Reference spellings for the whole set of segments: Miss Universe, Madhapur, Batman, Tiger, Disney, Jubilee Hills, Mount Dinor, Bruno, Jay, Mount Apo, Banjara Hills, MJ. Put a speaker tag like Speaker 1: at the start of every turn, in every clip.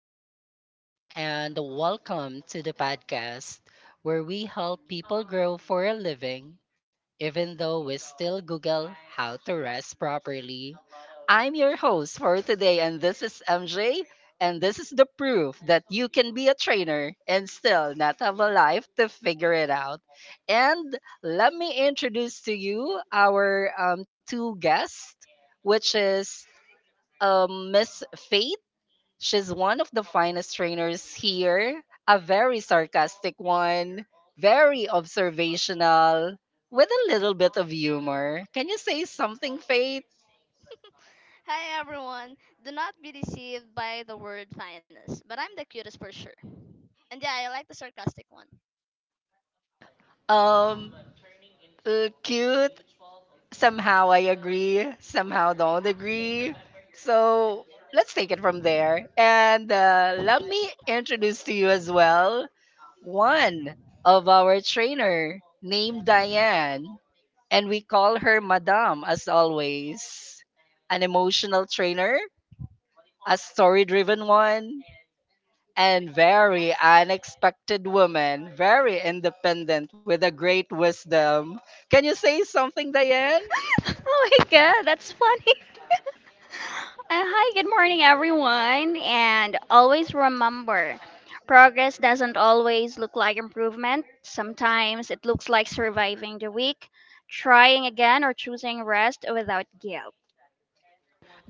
Speaker 1: Good morning and welcome to the podcast where we help people grow for a living, even though we still Google how to rest properly. I'm your host for today, and this is MJ, and this is the proof that you can be a trainer and still not have a life to figure it out. And let me introduce to you our two guests, which is Miss Faith. She's one of the finest trainers here, a very sarcastic one, very observational, with a little bit of humor. Can you say something, Faith?
Speaker 2: Hi, everyone! Do not be deceived by the word finest, but I'm the cutest for sure. And yeah, I like the sarcastic one.
Speaker 1: Um, Cute. Somehow I agree, somehow don't agree. So let's take it from there. And let me introduce to you as well one of our trainer named Diane, and we call her Madame as always. An emotional trainer, a story driven one, and very unexpected woman, very independent with a great wisdom. Can you say something, Diane?
Speaker 3: Oh my god, that's funny. Hi, good morning, everyone. And always remember progress doesn't always look like improvement. Sometimes it looks like surviving the week, trying again, or choosing rest without guilt.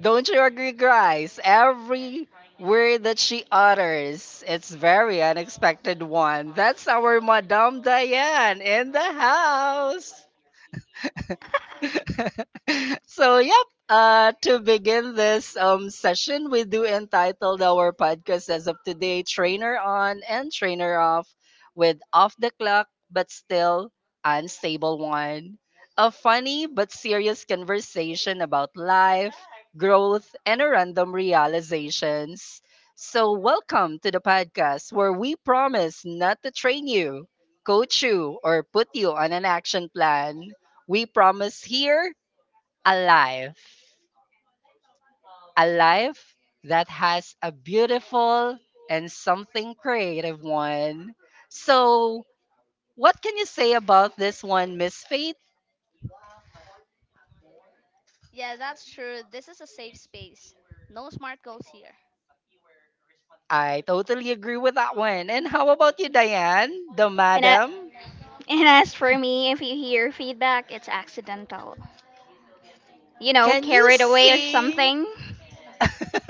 Speaker 1: Don't you agree, guys? Every word that she utters, it's very unexpected one. That's our Madame Diane in the house. So, yep. To begin this session, we do entitled our podcast as of today Trainer On and Trainer Off with Off the Clock but Still Unstable One. A funny but serious conversation about life, growth, and random realizations. So, welcome to the podcast where we promise not to train you, coach you, or put you on an action plan. We promise here a life, a life that has a beautiful and something creative one. So, what can you say about this one, Miss Faith?
Speaker 2: Yeah, that's true. This is a safe space. No smart goals here.
Speaker 1: I totally agree with that one. And how about you, Diane, the
Speaker 3: And, uh,
Speaker 1: madam?
Speaker 3: and as for me, if you hear feedback, it's accidental. You know,
Speaker 1: Can you
Speaker 3: carried away or
Speaker 1: see?
Speaker 3: something.
Speaker 1: Okay.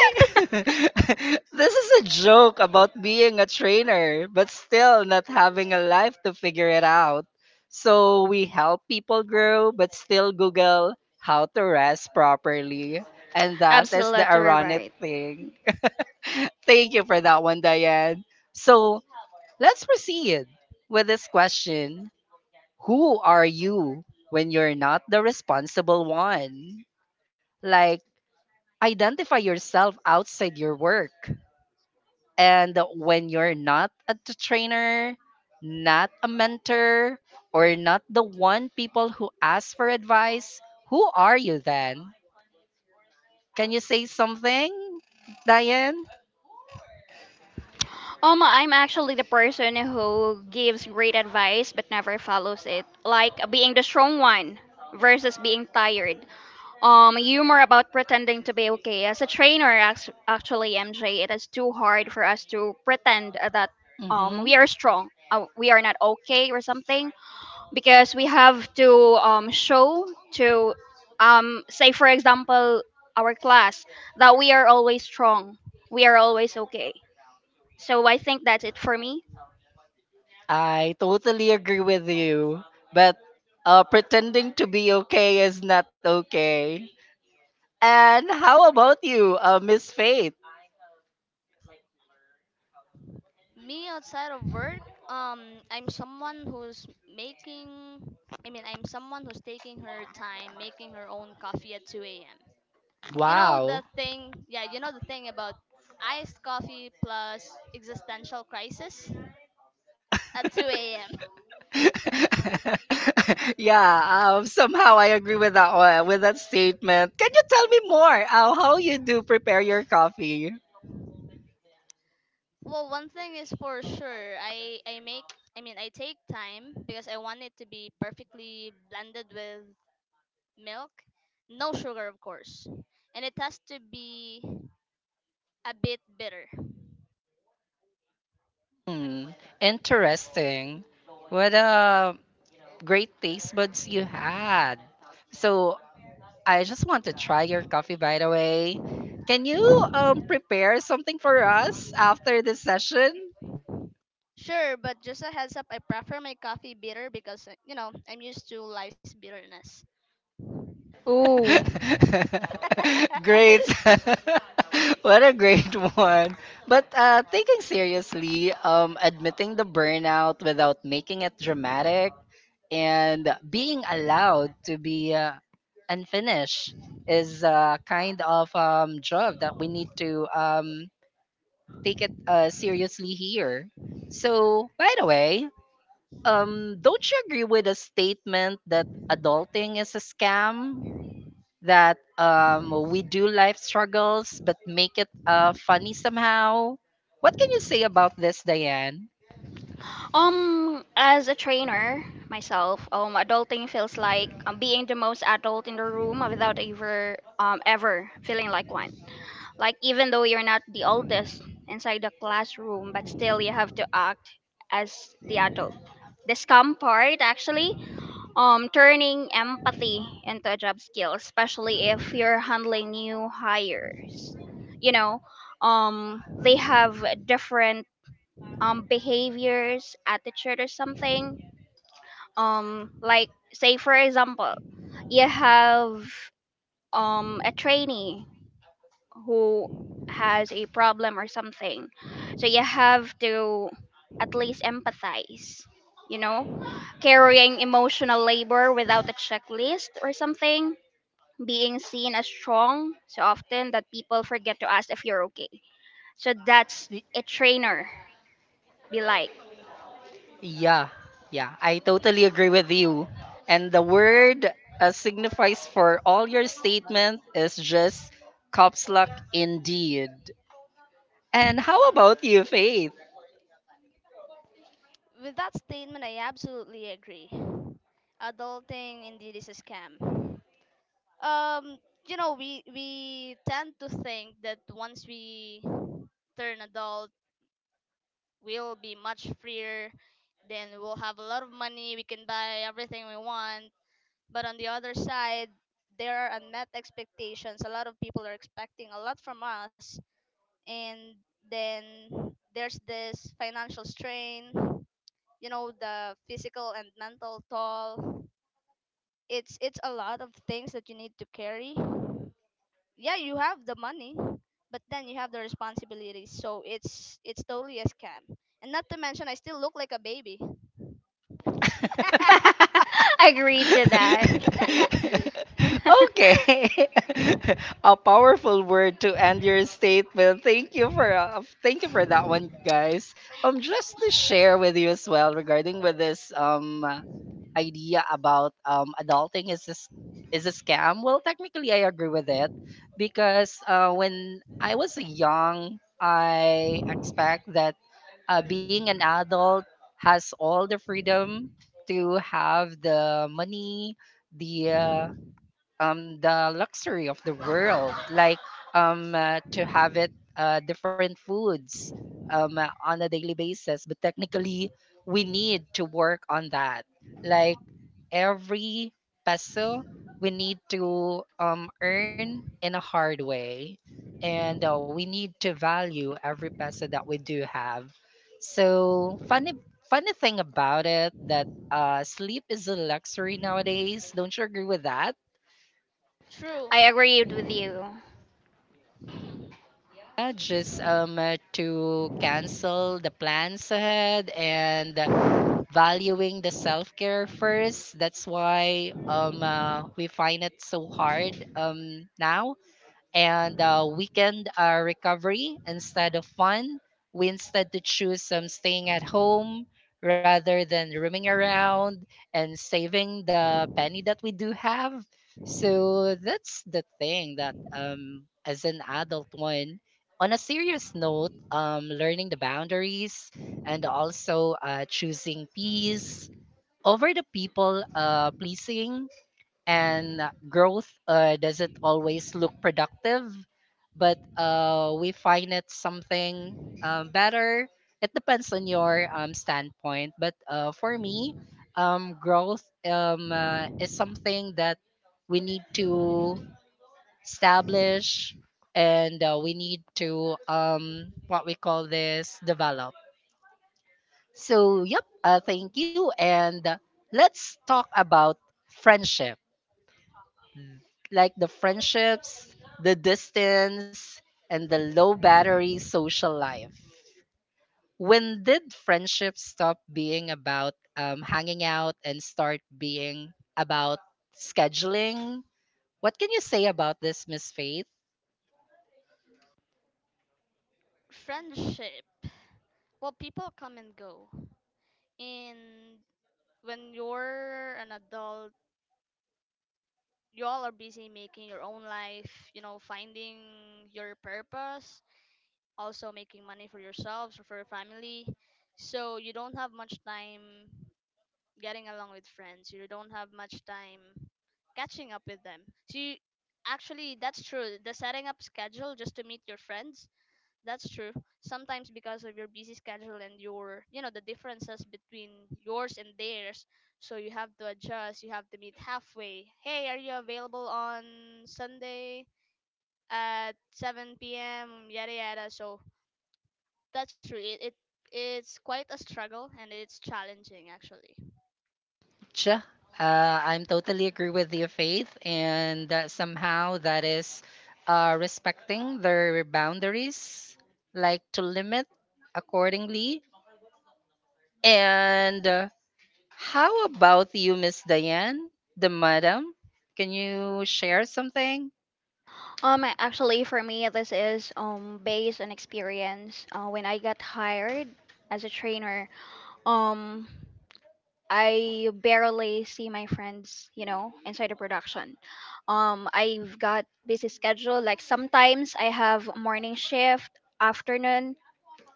Speaker 1: This is a joke about being a trainer, but still not having a life to figure it out. So we help people grow, but still Google how to rest properly. And that is
Speaker 3: Absolutely
Speaker 1: the ironic
Speaker 3: right.
Speaker 1: thing. Thank you for that one, Diane. So let's proceed with this question: who are you when you're not the responsible one? Like, identify yourself outside your work. And when you're not a trainer, not a mentor, or not the one people who ask for advice, who are you then? Can you say something, Diane?
Speaker 3: I'm actually the person who gives great advice but never follows it. Like being the strong one versus being tired. Humor about pretending to be okay. As a trainer, actually, MJ, it is too hard for us to pretend that
Speaker 1: Mm-hmm.
Speaker 3: we are strong. We are not okay or something because we have to show to say for example our class that we are always strong. We are always okay. So I think that's it for me.
Speaker 1: I totally agree with you. But pretending to be okay is not okay. And how about you, Miss Faith?
Speaker 2: Me outside of work, I'm someone who's making. I mean, I'm someone who's taking her time, making her own coffee at 2 a.m. You know
Speaker 1: Wow.
Speaker 2: the thing, yeah, you know the thing about iced coffee plus existential crisis at 2 a.m.
Speaker 1: Yeah, somehow I agree with that one, with that statement. Can you tell me more how you do prepare your coffee?
Speaker 2: Well, one thing is for sure, I make I mean I take time because I want it to be perfectly blended with milk, no sugar of course, and it has to be a bit bitter.
Speaker 1: Hmm, interesting. What a great taste buds you had. So I just want to try your coffee, by the way. Can you prepare something for us after this session?
Speaker 2: Sure, but just a heads up, I prefer my coffee bitter because you know, I'm used to life's bitterness.
Speaker 3: Ooh.
Speaker 1: Great. What a great one. But taking seriously, admitting the burnout without making it dramatic and being allowed to be unfinished is a kind of job that we need to take it seriously here. So, by the way, don't you agree with the statement that adulting is a scam? That we do life struggles but make it funny somehow. What can you say about this, Diane?
Speaker 3: As a trainer myself, adulting feels like being the most adult in the room without ever, ever feeling like one. Like even though you're not the oldest inside the classroom, but still you have to act as the adult. The scam part actually, turning empathy into a job skill, especially if you're handling new hires. You know, they have different behaviors, attitude or something. Like say for example, you have a trainee who has a problem or something. So you have to at least empathize, you know? Carrying emotional labor without a checklist or something, being seen as strong so often that people forget to ask if you're okay. So that's
Speaker 1: Y-
Speaker 3: a trainer be like.
Speaker 1: Yeah, yeah, I totally agree with you. And the word signifies for all your statement is just cops luck indeed. And how about you, Faith?
Speaker 2: With that statement, I absolutely agree. Adulting indeed is a scam. um you know, we tend to think that once we turn adult, we'll be much freer, then we'll have a lot of money, we can buy everything we want. But on the other side, there are unmet expectations, a lot of people are expecting a lot from us, and then there's this financial strain, you know, the physical and mental toll. It's a lot of things that you need to carry. Yeah, you have the money, but then you have the responsibilities, so it's totally a scam. And not to mention, I still look like a baby.
Speaker 3: Agreed to that.
Speaker 1: Okay. A powerful word to end your statement. Thank you for thank you for that one, guys. Just to share with you as well regarding with this idea about adulting is this is a scam. Well, technically, I agree with it because when I was young, I expect that being an adult has all the freedom to have the money, the uh, the luxury of the world, like to have it different foods on a daily basis, but technically we need to work on that, like every peso we need to earn in a hard way, and we need to value every peso that we do have. So funny, funny thing about it, that sleep is a luxury nowadays. Don't you agree with that?
Speaker 2: True.
Speaker 3: I agreed with you.
Speaker 1: Yeah, just to cancel the plans ahead and valuing the self-care first. That's why we find it so hard now, and weekend recovery instead of fun. We instead to choose some staying at home rather than roaming around and saving the penny that we do have. So that's the thing that as an adult one. On a serious note, learning the boundaries, and also choosing peace over the people pleasing, and growth doesn't always look productive, but we find it something better. It depends on your standpoint, but for me, growth is something that we need to establish, and we need to what we call this develop. So yep, thank you, and let's talk about friendship, like the friendships, the distance, and the low battery social life. When did friendship stop being about hanging out and start being about scheduling? What can you say about this, Miss Faith?
Speaker 2: Friendship. Well, people come and go. And when you're an adult, you all are busy making your own life, you know, finding your purpose, also making money for yourselves or for your family. So you don't have much time getting along with friends. You don't have much time catching up with them. So you, Actually, that's true. The setting up schedule just to meet your friends, that's true. Sometimes because of your busy schedule and your, you know, the differences between yours and theirs, so you have to adjust. You have to meet halfway. Hey, are you available on Sunday at 7 p.m., yada yada. So that's true. It's quite a struggle, and it's challenging actually.
Speaker 1: Sure. I'm totally agree with you, Faith, and somehow that is respecting their boundaries, like to limit accordingly. And how about you, Miss Diane, the madam? Can you share something?
Speaker 3: Actually, for me, this is based on experience. When I got hired as a trainer, um, I barely see my friends, you know, inside the production. I've got busy schedule. Like sometimes I have morning shift, afternoon,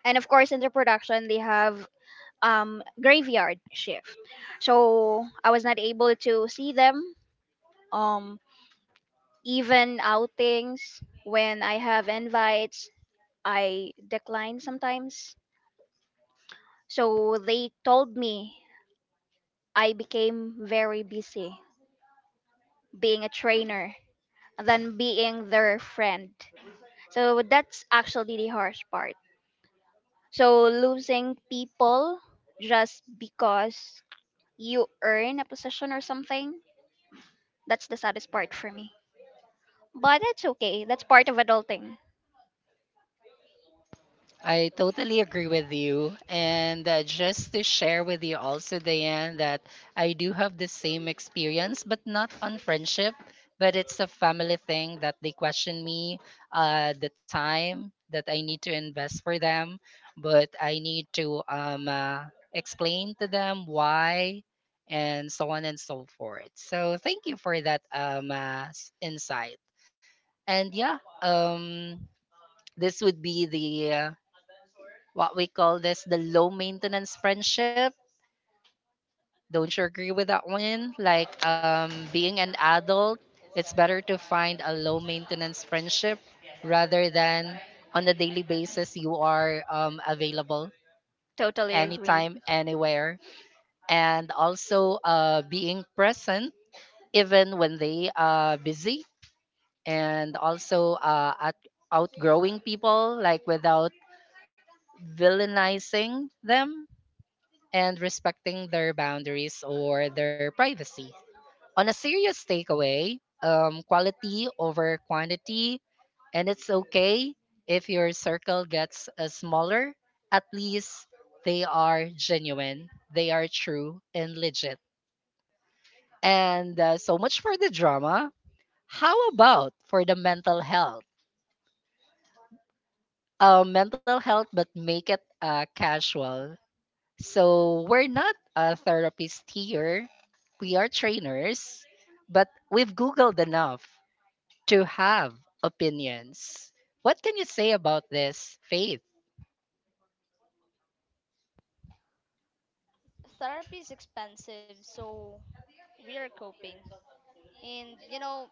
Speaker 3: and of course in the production they have graveyard shift, so I was not able to see them, um even outings. When I have invites, I decline sometimes, so they told me I became very busy being a trainer than being their friend. So that's actually the harsh part, so losing people just because you earn a position or something. That's the saddest part for me. But it's okay. That's part of adulting.
Speaker 1: I totally agree with you. And just to share with you also, Diane, that I do have the same experience, but not on friendship, but it's a family thing that they question me the time that I need to invest for them. But I need to explain to them why and so on and so forth. So thank you for that insight. And yeah, this would be the. What we call this the low maintenance friendship. Don't you agree with that one? Like being an adult, it's better to find a low maintenance friendship rather than on a daily basis you are available
Speaker 3: Totally agreed.
Speaker 1: anytime, anywhere. And also being present even when they are busy, and also at outgrowing people, like without villainizing them and respecting their boundaries or their privacy. On a serious takeaway, quality over quantity, and it's okay if your circle gets smaller. At least they are genuine, they are true and legit. And so much for the drama. How about for the mental health? Mental health, but make it casual. So we're not a therapist here. We are trainers, but we've Googled enough to have opinions. What can you say about this, Faith?
Speaker 2: Therapy is expensive, so we are coping. And you know,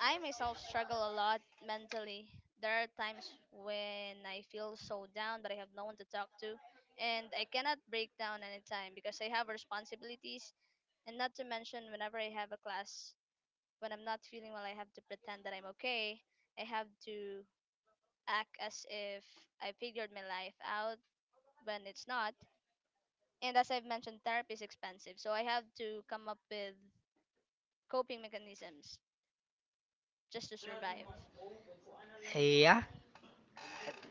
Speaker 2: I myself struggle a lot mentally. There are times when I feel so down, but I have no one to talk to, and I cannot break down anytime because I have responsibilities. And not to mention, whenever I have a class, when I'm not feeling well, I have to pretend that I'm okay. I have to act as if I figured my life out, when it's not. And as I've mentioned, therapy is expensive, so I have to come up with coping mechanisms just to survive.
Speaker 1: Yeah,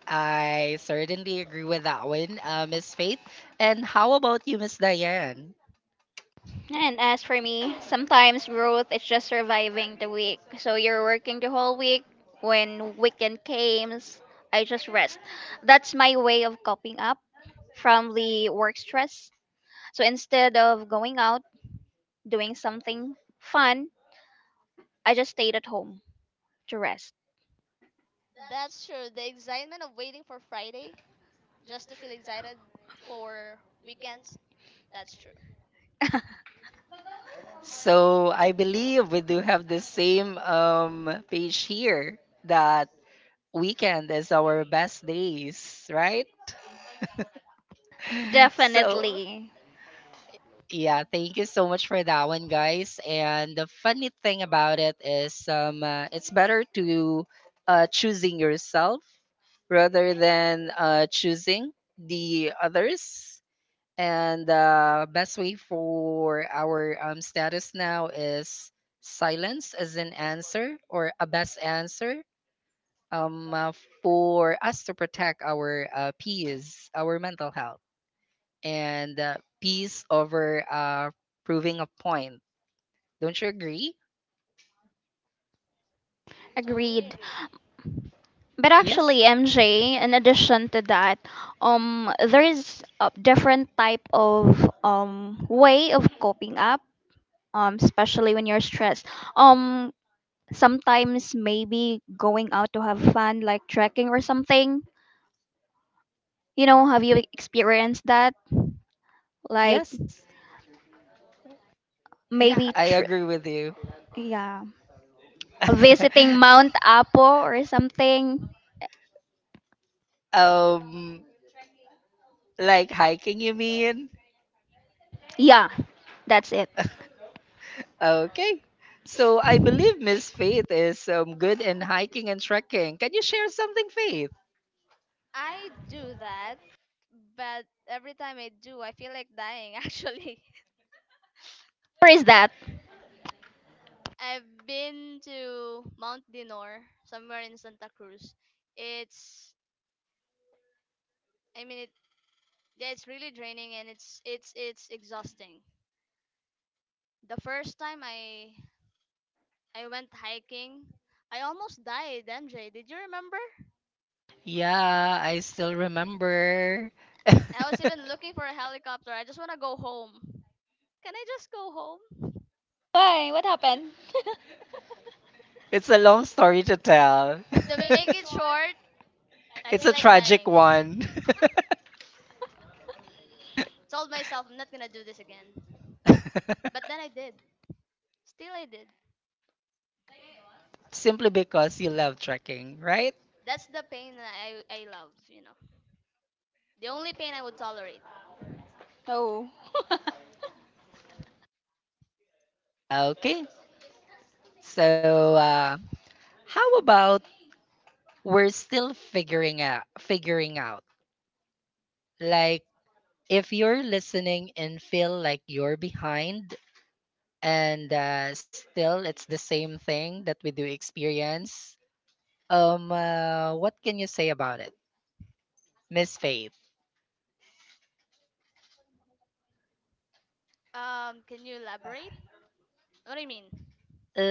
Speaker 1: I certainly agree with that one, Miss Faith. And how about you, Miss Diane?
Speaker 3: And as for me, sometimes growth is just surviving the week. So you're working the whole week. When weekend comes, I just rest. That's my way of coping up from the work stress. So instead of going out, doing something fun, I just stayed at home to rest.
Speaker 2: That's true. The excitement of waiting for Friday just to feel excited for weekends. That's true.
Speaker 1: So I believe we do have the same page here, that weekend is our best days, right? So
Speaker 3: Definitely.
Speaker 1: yeah, thank you so much for that one, guys. And the funny thing about it is, it's better to choosing yourself rather than choosing the others. And best way for our status now is silence as an answer or a best answer um, uh, for us to protect our peace, our mental health, and peace over proving a point. Don't you agree?
Speaker 2: Totally
Speaker 3: Agreed.
Speaker 2: agree.
Speaker 3: But
Speaker 1: Yes.
Speaker 3: actually, MJ, in addition to that, there is a different type of way of coping up, especially when you're stressed. Um, Sometimes maybe going out to have fun, like trekking or something. You know, have you experienced that? Like
Speaker 1: Yes. Yeah,
Speaker 3: maybe,
Speaker 1: I
Speaker 3: tr-
Speaker 1: agree with you.
Speaker 3: yeah, visiting Mount Apo or something.
Speaker 1: um, like hiking, you mean?
Speaker 3: Yeah, that's it.
Speaker 1: Okay. So I believe Miss Faith is good in hiking and trekking. Can you share something, Faith?
Speaker 2: I do that, but every time I do, I feel like dying. Actually,
Speaker 3: Where is that?
Speaker 2: I've been to Mount Dinor, somewhere in Santa Cruz. It's I mean it Yeah, it's really draining, and it's exhausting. The first time I went hiking, I almost died, MJ. Did you remember?
Speaker 1: Yeah, I still remember.
Speaker 2: I was even looking for a helicopter. I just want to go home. Can I just go home?
Speaker 3: Why? What happened?
Speaker 1: It's a long story to tell.
Speaker 2: To make it short, I feel
Speaker 1: It's a
Speaker 2: like
Speaker 1: tragic
Speaker 2: dying.
Speaker 1: one.
Speaker 2: Told myself I'm not gonna do this again. But then I did. Still I did.
Speaker 1: Simply because you love trekking, right?
Speaker 2: That's the pain that I love, you know. The only pain I would tolerate.
Speaker 3: Oh.
Speaker 1: Okay. So, how about we're still figuring out figuring out, like, if you're listening and feel like you're behind, and still it's the same thing that we do experience. What can you say about it, Miss Faith?
Speaker 2: Can you elaborate? What do you mean?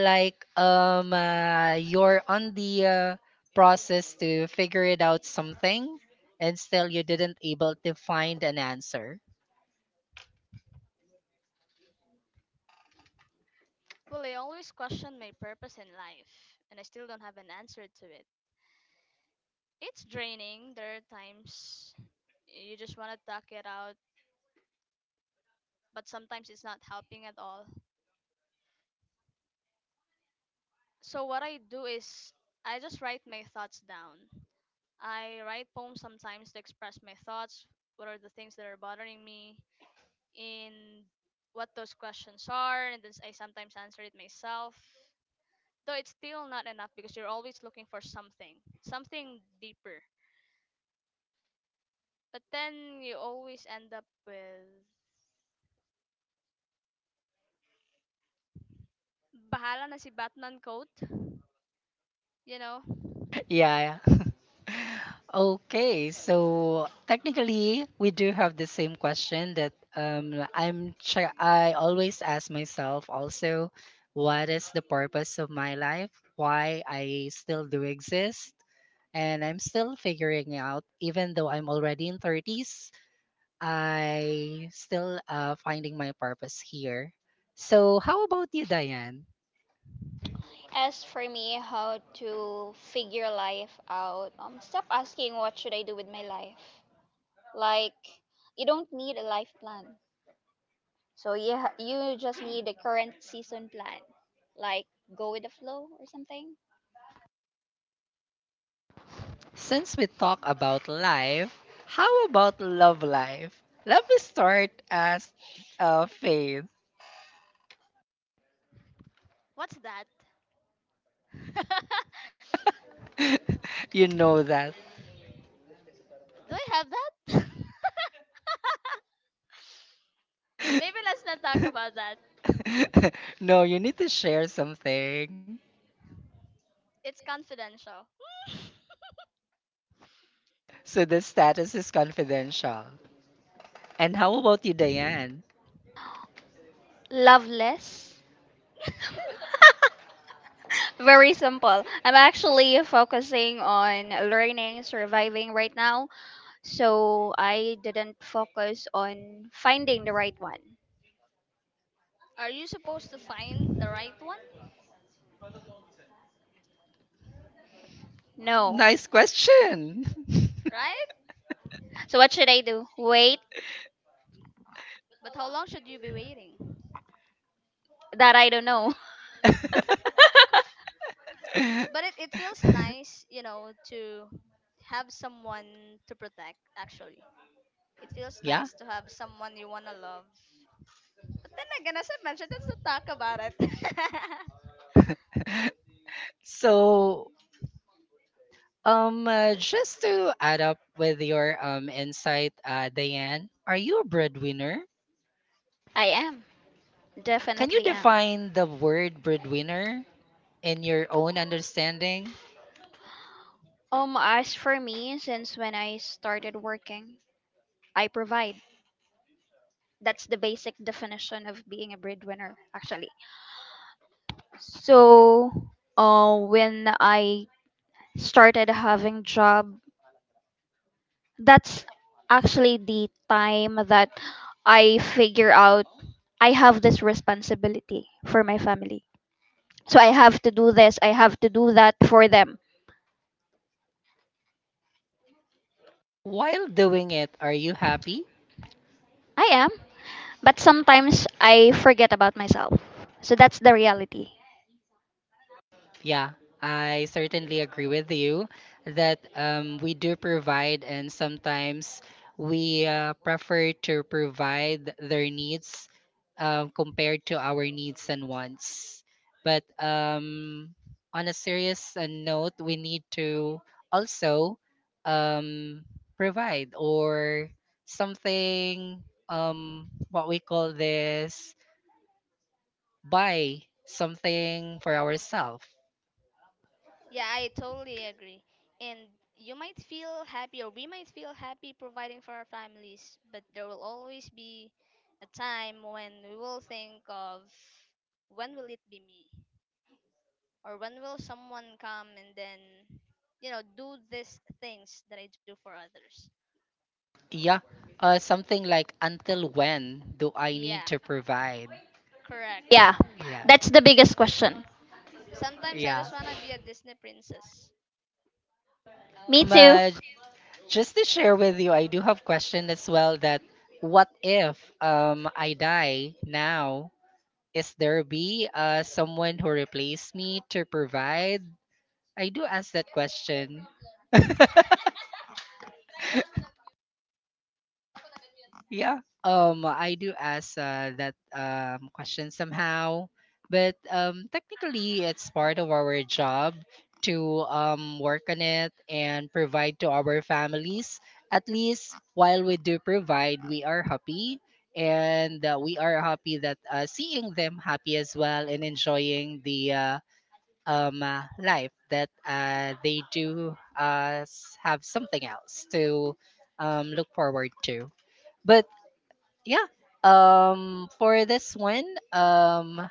Speaker 1: Like you're on the process to figure it out something, and still you didn't able to find an answer.
Speaker 2: Well, I always question my purpose in life, and I still don't have an answer to it. It's draining. There are times you just want to tuck it out, but sometimes it's not helping at all. So what I do is I just write my thoughts down. I write poems sometimes to express my thoughts, what are the things that are bothering me, and what those questions are, and then I sometimes answer it myself. Though it's still not enough, because you're always looking for something, something deeper. But then you always end up with bahala na si Batman quote, you know?
Speaker 1: Yeah, yeah. Okay, so technically we do have the same question, that I always ask myself also, what is the purpose of my life, why I still do exist, and I'm still figuring out even though I'm already in 30s. I still finding my purpose here. So, how about you, Diane?
Speaker 3: As for me, how to figure life out, stop asking what should I do with my life. Like, you don't need a life plan. So you just need a current season plan. Like, go with the flow or something.
Speaker 1: Since we talk about life, how about love life? Let me start as Faith.
Speaker 2: What's that?
Speaker 1: You know that.
Speaker 2: Do I have that? Maybe let's not talk about that.
Speaker 1: No, you need to share something.
Speaker 2: It's confidential.
Speaker 1: So the status is confidential. And how about you, Diane?
Speaker 3: Love less. Very simple. I'm actually focusing on learning, surviving right now. So I didn't focus on finding the right one.
Speaker 2: Are you supposed to find the right one?
Speaker 3: No.
Speaker 1: Nice question.
Speaker 2: Right?
Speaker 3: So what should I do? Wait,
Speaker 2: But how long should you be waiting?
Speaker 3: that I don't know.
Speaker 2: But it feels nice, you know, to have someone to protect, actually. It feels
Speaker 1: Yeah.
Speaker 2: nice to have someone you want to love. But then again, as I mentioned, let's not talk about it.
Speaker 1: So just to add up with your insight, Diane, are you a breadwinner?
Speaker 3: I am.
Speaker 1: Can you
Speaker 3: Definitely am.
Speaker 1: define the word breadwinner in your own understanding?
Speaker 3: As for me, since when I started working, I provide. That's the basic definition of being a breadwinner, actually. So, when I started having job, that's actually the time that I figure out I have this responsibility for my family. So I have to do this, I have to do that for them.
Speaker 1: While doing it, are you happy?
Speaker 3: I am, but sometimes I forget about myself. So that's the reality.
Speaker 1: Yeah, I certainly agree with you that we do provide, and sometimes we prefer to provide their needs compared to our needs and wants. But on a serious note, we need to also um, provide or something, what we call this, buy something for ourselves.
Speaker 2: Yeah, I totally agree. And you might feel happy, or we might feel happy providing for our families, but there will always be a time when we will think of, when will it be me? Or when will someone come and then, you know, do these things that I do for others?
Speaker 1: Yeah, something like until when do I need
Speaker 2: Yeah,
Speaker 1: to provide?
Speaker 2: correct.
Speaker 3: Yeah,
Speaker 1: Yeah,
Speaker 3: that's the biggest question.
Speaker 2: Sometimes I
Speaker 1: yeah.
Speaker 2: just want to be a Disney princess.
Speaker 3: Me
Speaker 1: Um,
Speaker 3: too.
Speaker 1: uh, just to share with you, I do have question as well that what if I die now? Is there be someone who replace me to provide? I do ask that question. Yeah. I do ask that question somehow, but technically, it's part of our job to work on it and provide to our families. At least while we do provide, we are happy, and we are happy that seeing them happy as well and enjoying the life that they do have something else to look forward to. But yeah, for this one, um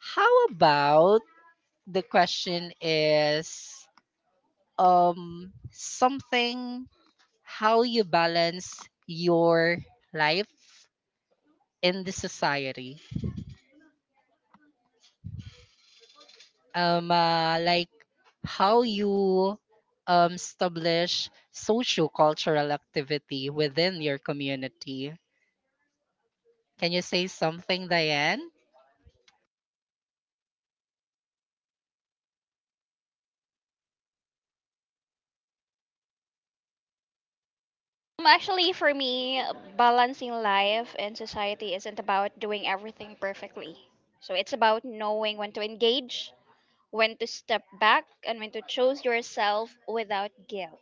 Speaker 1: how about, the question is, something, how you balance your life in the society, like how you establish social cultural activity within your community. Can you say something, Diane?
Speaker 3: Actually, for me, balancing life and society isn't about doing everything perfectly. So it's about knowing when to engage, when to step back, and when to choose yourself without guilt.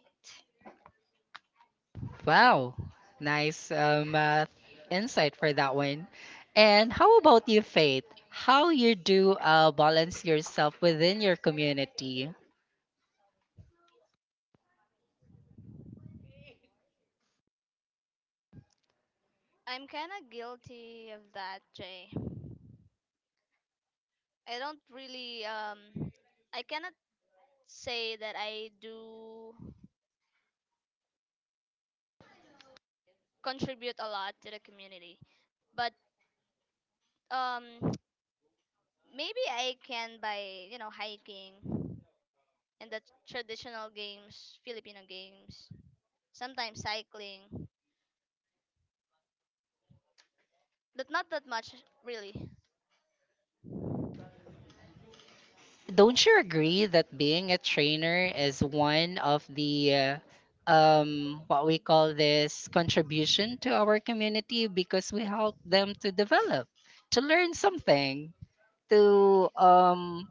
Speaker 1: Wow, nice insight for that one. And how about you, Faith? How you do balance yourself within your community?
Speaker 2: I'm kind of guilty of that, Jay. I don't really, I cannot say that I do contribute a lot to the community. But um, maybe I can by, you know, hiking and the traditional games, Filipino games, sometimes cycling, but not that much really.
Speaker 1: Don't you agree that being a trainer is one of the what we call this contribution to our community because we help them to develop, to learn something, to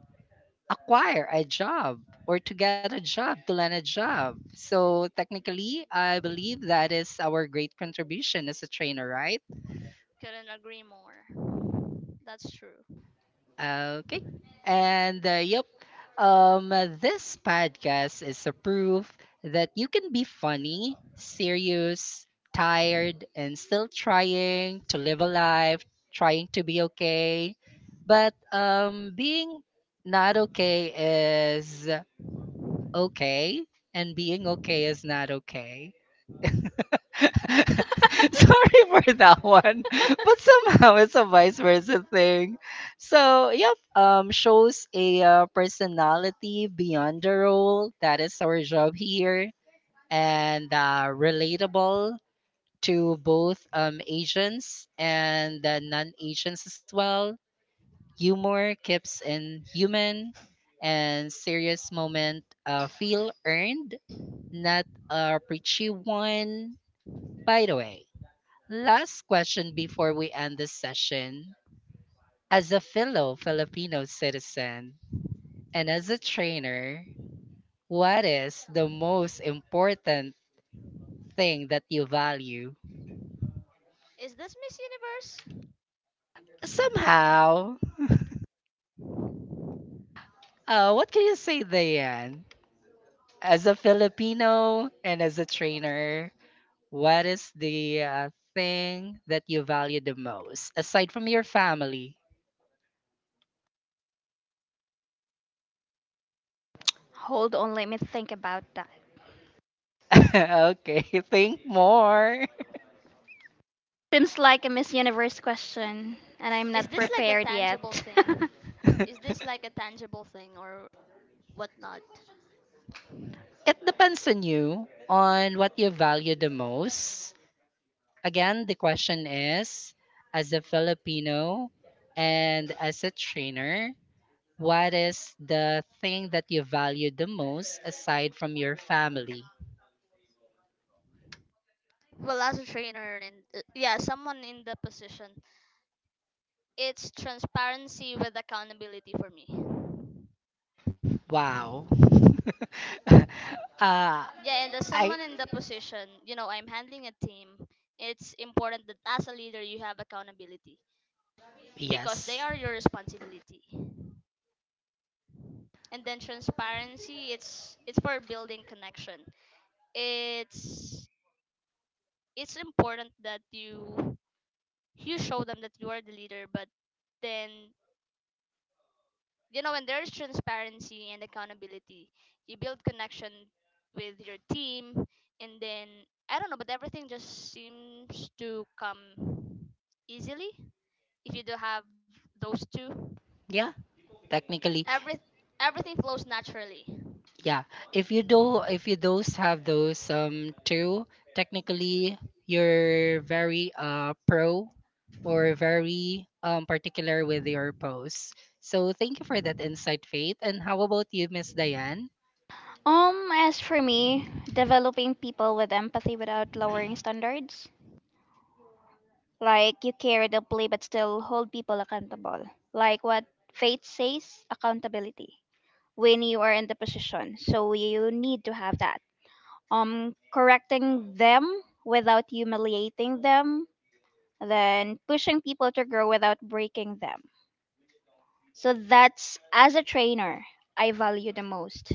Speaker 1: acquire a job or to get a job, to land a job. So technically, I believe that is our great contribution as a trainer, right?
Speaker 2: Couldn't agree more. That's true.
Speaker 1: Okay. And yep, um, this podcast is a proof that you can be funny, serious, tired, and still trying to live a life, trying to be okay. But being not okay is okay, and being okay is not okay. Sorry for that one, but somehow it's a vice versa thing. So, yep, shows a personality beyond the role. That is our job here, and relatable to both Asians and non Asians as well. Humor keeps in human, and serious moment feel earned, not a preachy one, by the way. Last question before we end this session. As a fellow Filipino citizen and as a trainer, what is the most important thing that you value?
Speaker 2: Is this Miss Universe?
Speaker 1: Somehow, what can you say, Diane? As a Filipino and as a trainer, what is the thing that you value the most aside from your family?
Speaker 3: Hold on, let me think about that.
Speaker 1: Okay, think more.
Speaker 3: Seems like a Miss Universe question, and I'm
Speaker 2: Is
Speaker 3: not
Speaker 2: this like a
Speaker 3: prepared
Speaker 2: tangible
Speaker 3: yet.
Speaker 2: thing? Is this like a tangible thing, or whatnot?
Speaker 1: It depends on you, on what you value the most. Again, the question is as a Filipino and as a trainer, what is the thing that you value the most aside from your family?
Speaker 2: Well, as a trainer and yeah, someone in the position, it's transparency with accountability for me.
Speaker 1: Wow. uh, I,
Speaker 2: Yeah, and as someone in the position, you know, I'm handling a team, it's important that as a leader you have accountability because they are
Speaker 1: yes.
Speaker 2: your responsibility. And then transparency, it's for building connection. It's it's important that you show them that you are the leader, but then, you know, when there's transparency and accountability, you build connection with your team, and then I don't know, but everything just seems to come easily if you do have those two.
Speaker 1: Yeah, technically.
Speaker 2: Every everything flows naturally.
Speaker 1: Yeah, if you do, if you those have those two, technically you're very pro or very particular with your posts. So thank you for that insight, Faith. And how about you, Miss Diane?
Speaker 3: As for me, developing people with empathy without lowering standards. Like you care deeply but still hold people accountable. Like what faith says, accountability. When you are in the position. So you need to have that. Correcting them without humiliating them. Then pushing people to grow without breaking them. So that's as a trainer I value the most.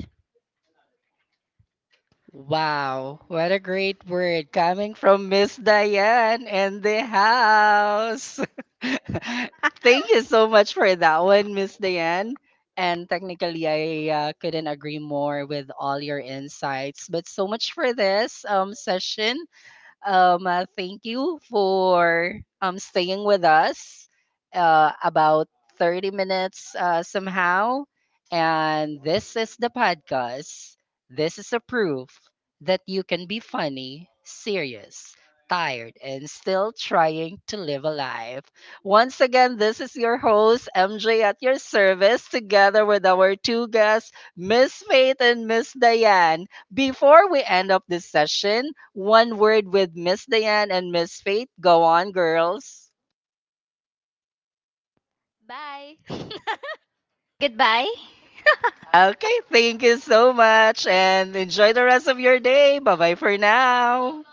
Speaker 1: Wow, what a great word coming from Miss Diane and the house. Thank you so much for that one, Miss Diane. And technically, I couldn't agree more with all your insights. But so much for this session. Thank you for staying with us about 30 minutes somehow. And this is the podcast. This is a proof that you can be funny, serious, tired, and still trying to live a life. Once again, this is your host, MJ, at your service, together with our two guests, Miss Faith and Miss Diane. Before we end up this session, one word with Miss Diane and Miss Faith. Go on, girls.
Speaker 2: Bye.
Speaker 3: Goodbye.
Speaker 1: Okay, thank you so much and enjoy the rest of your day. Bye bye for now.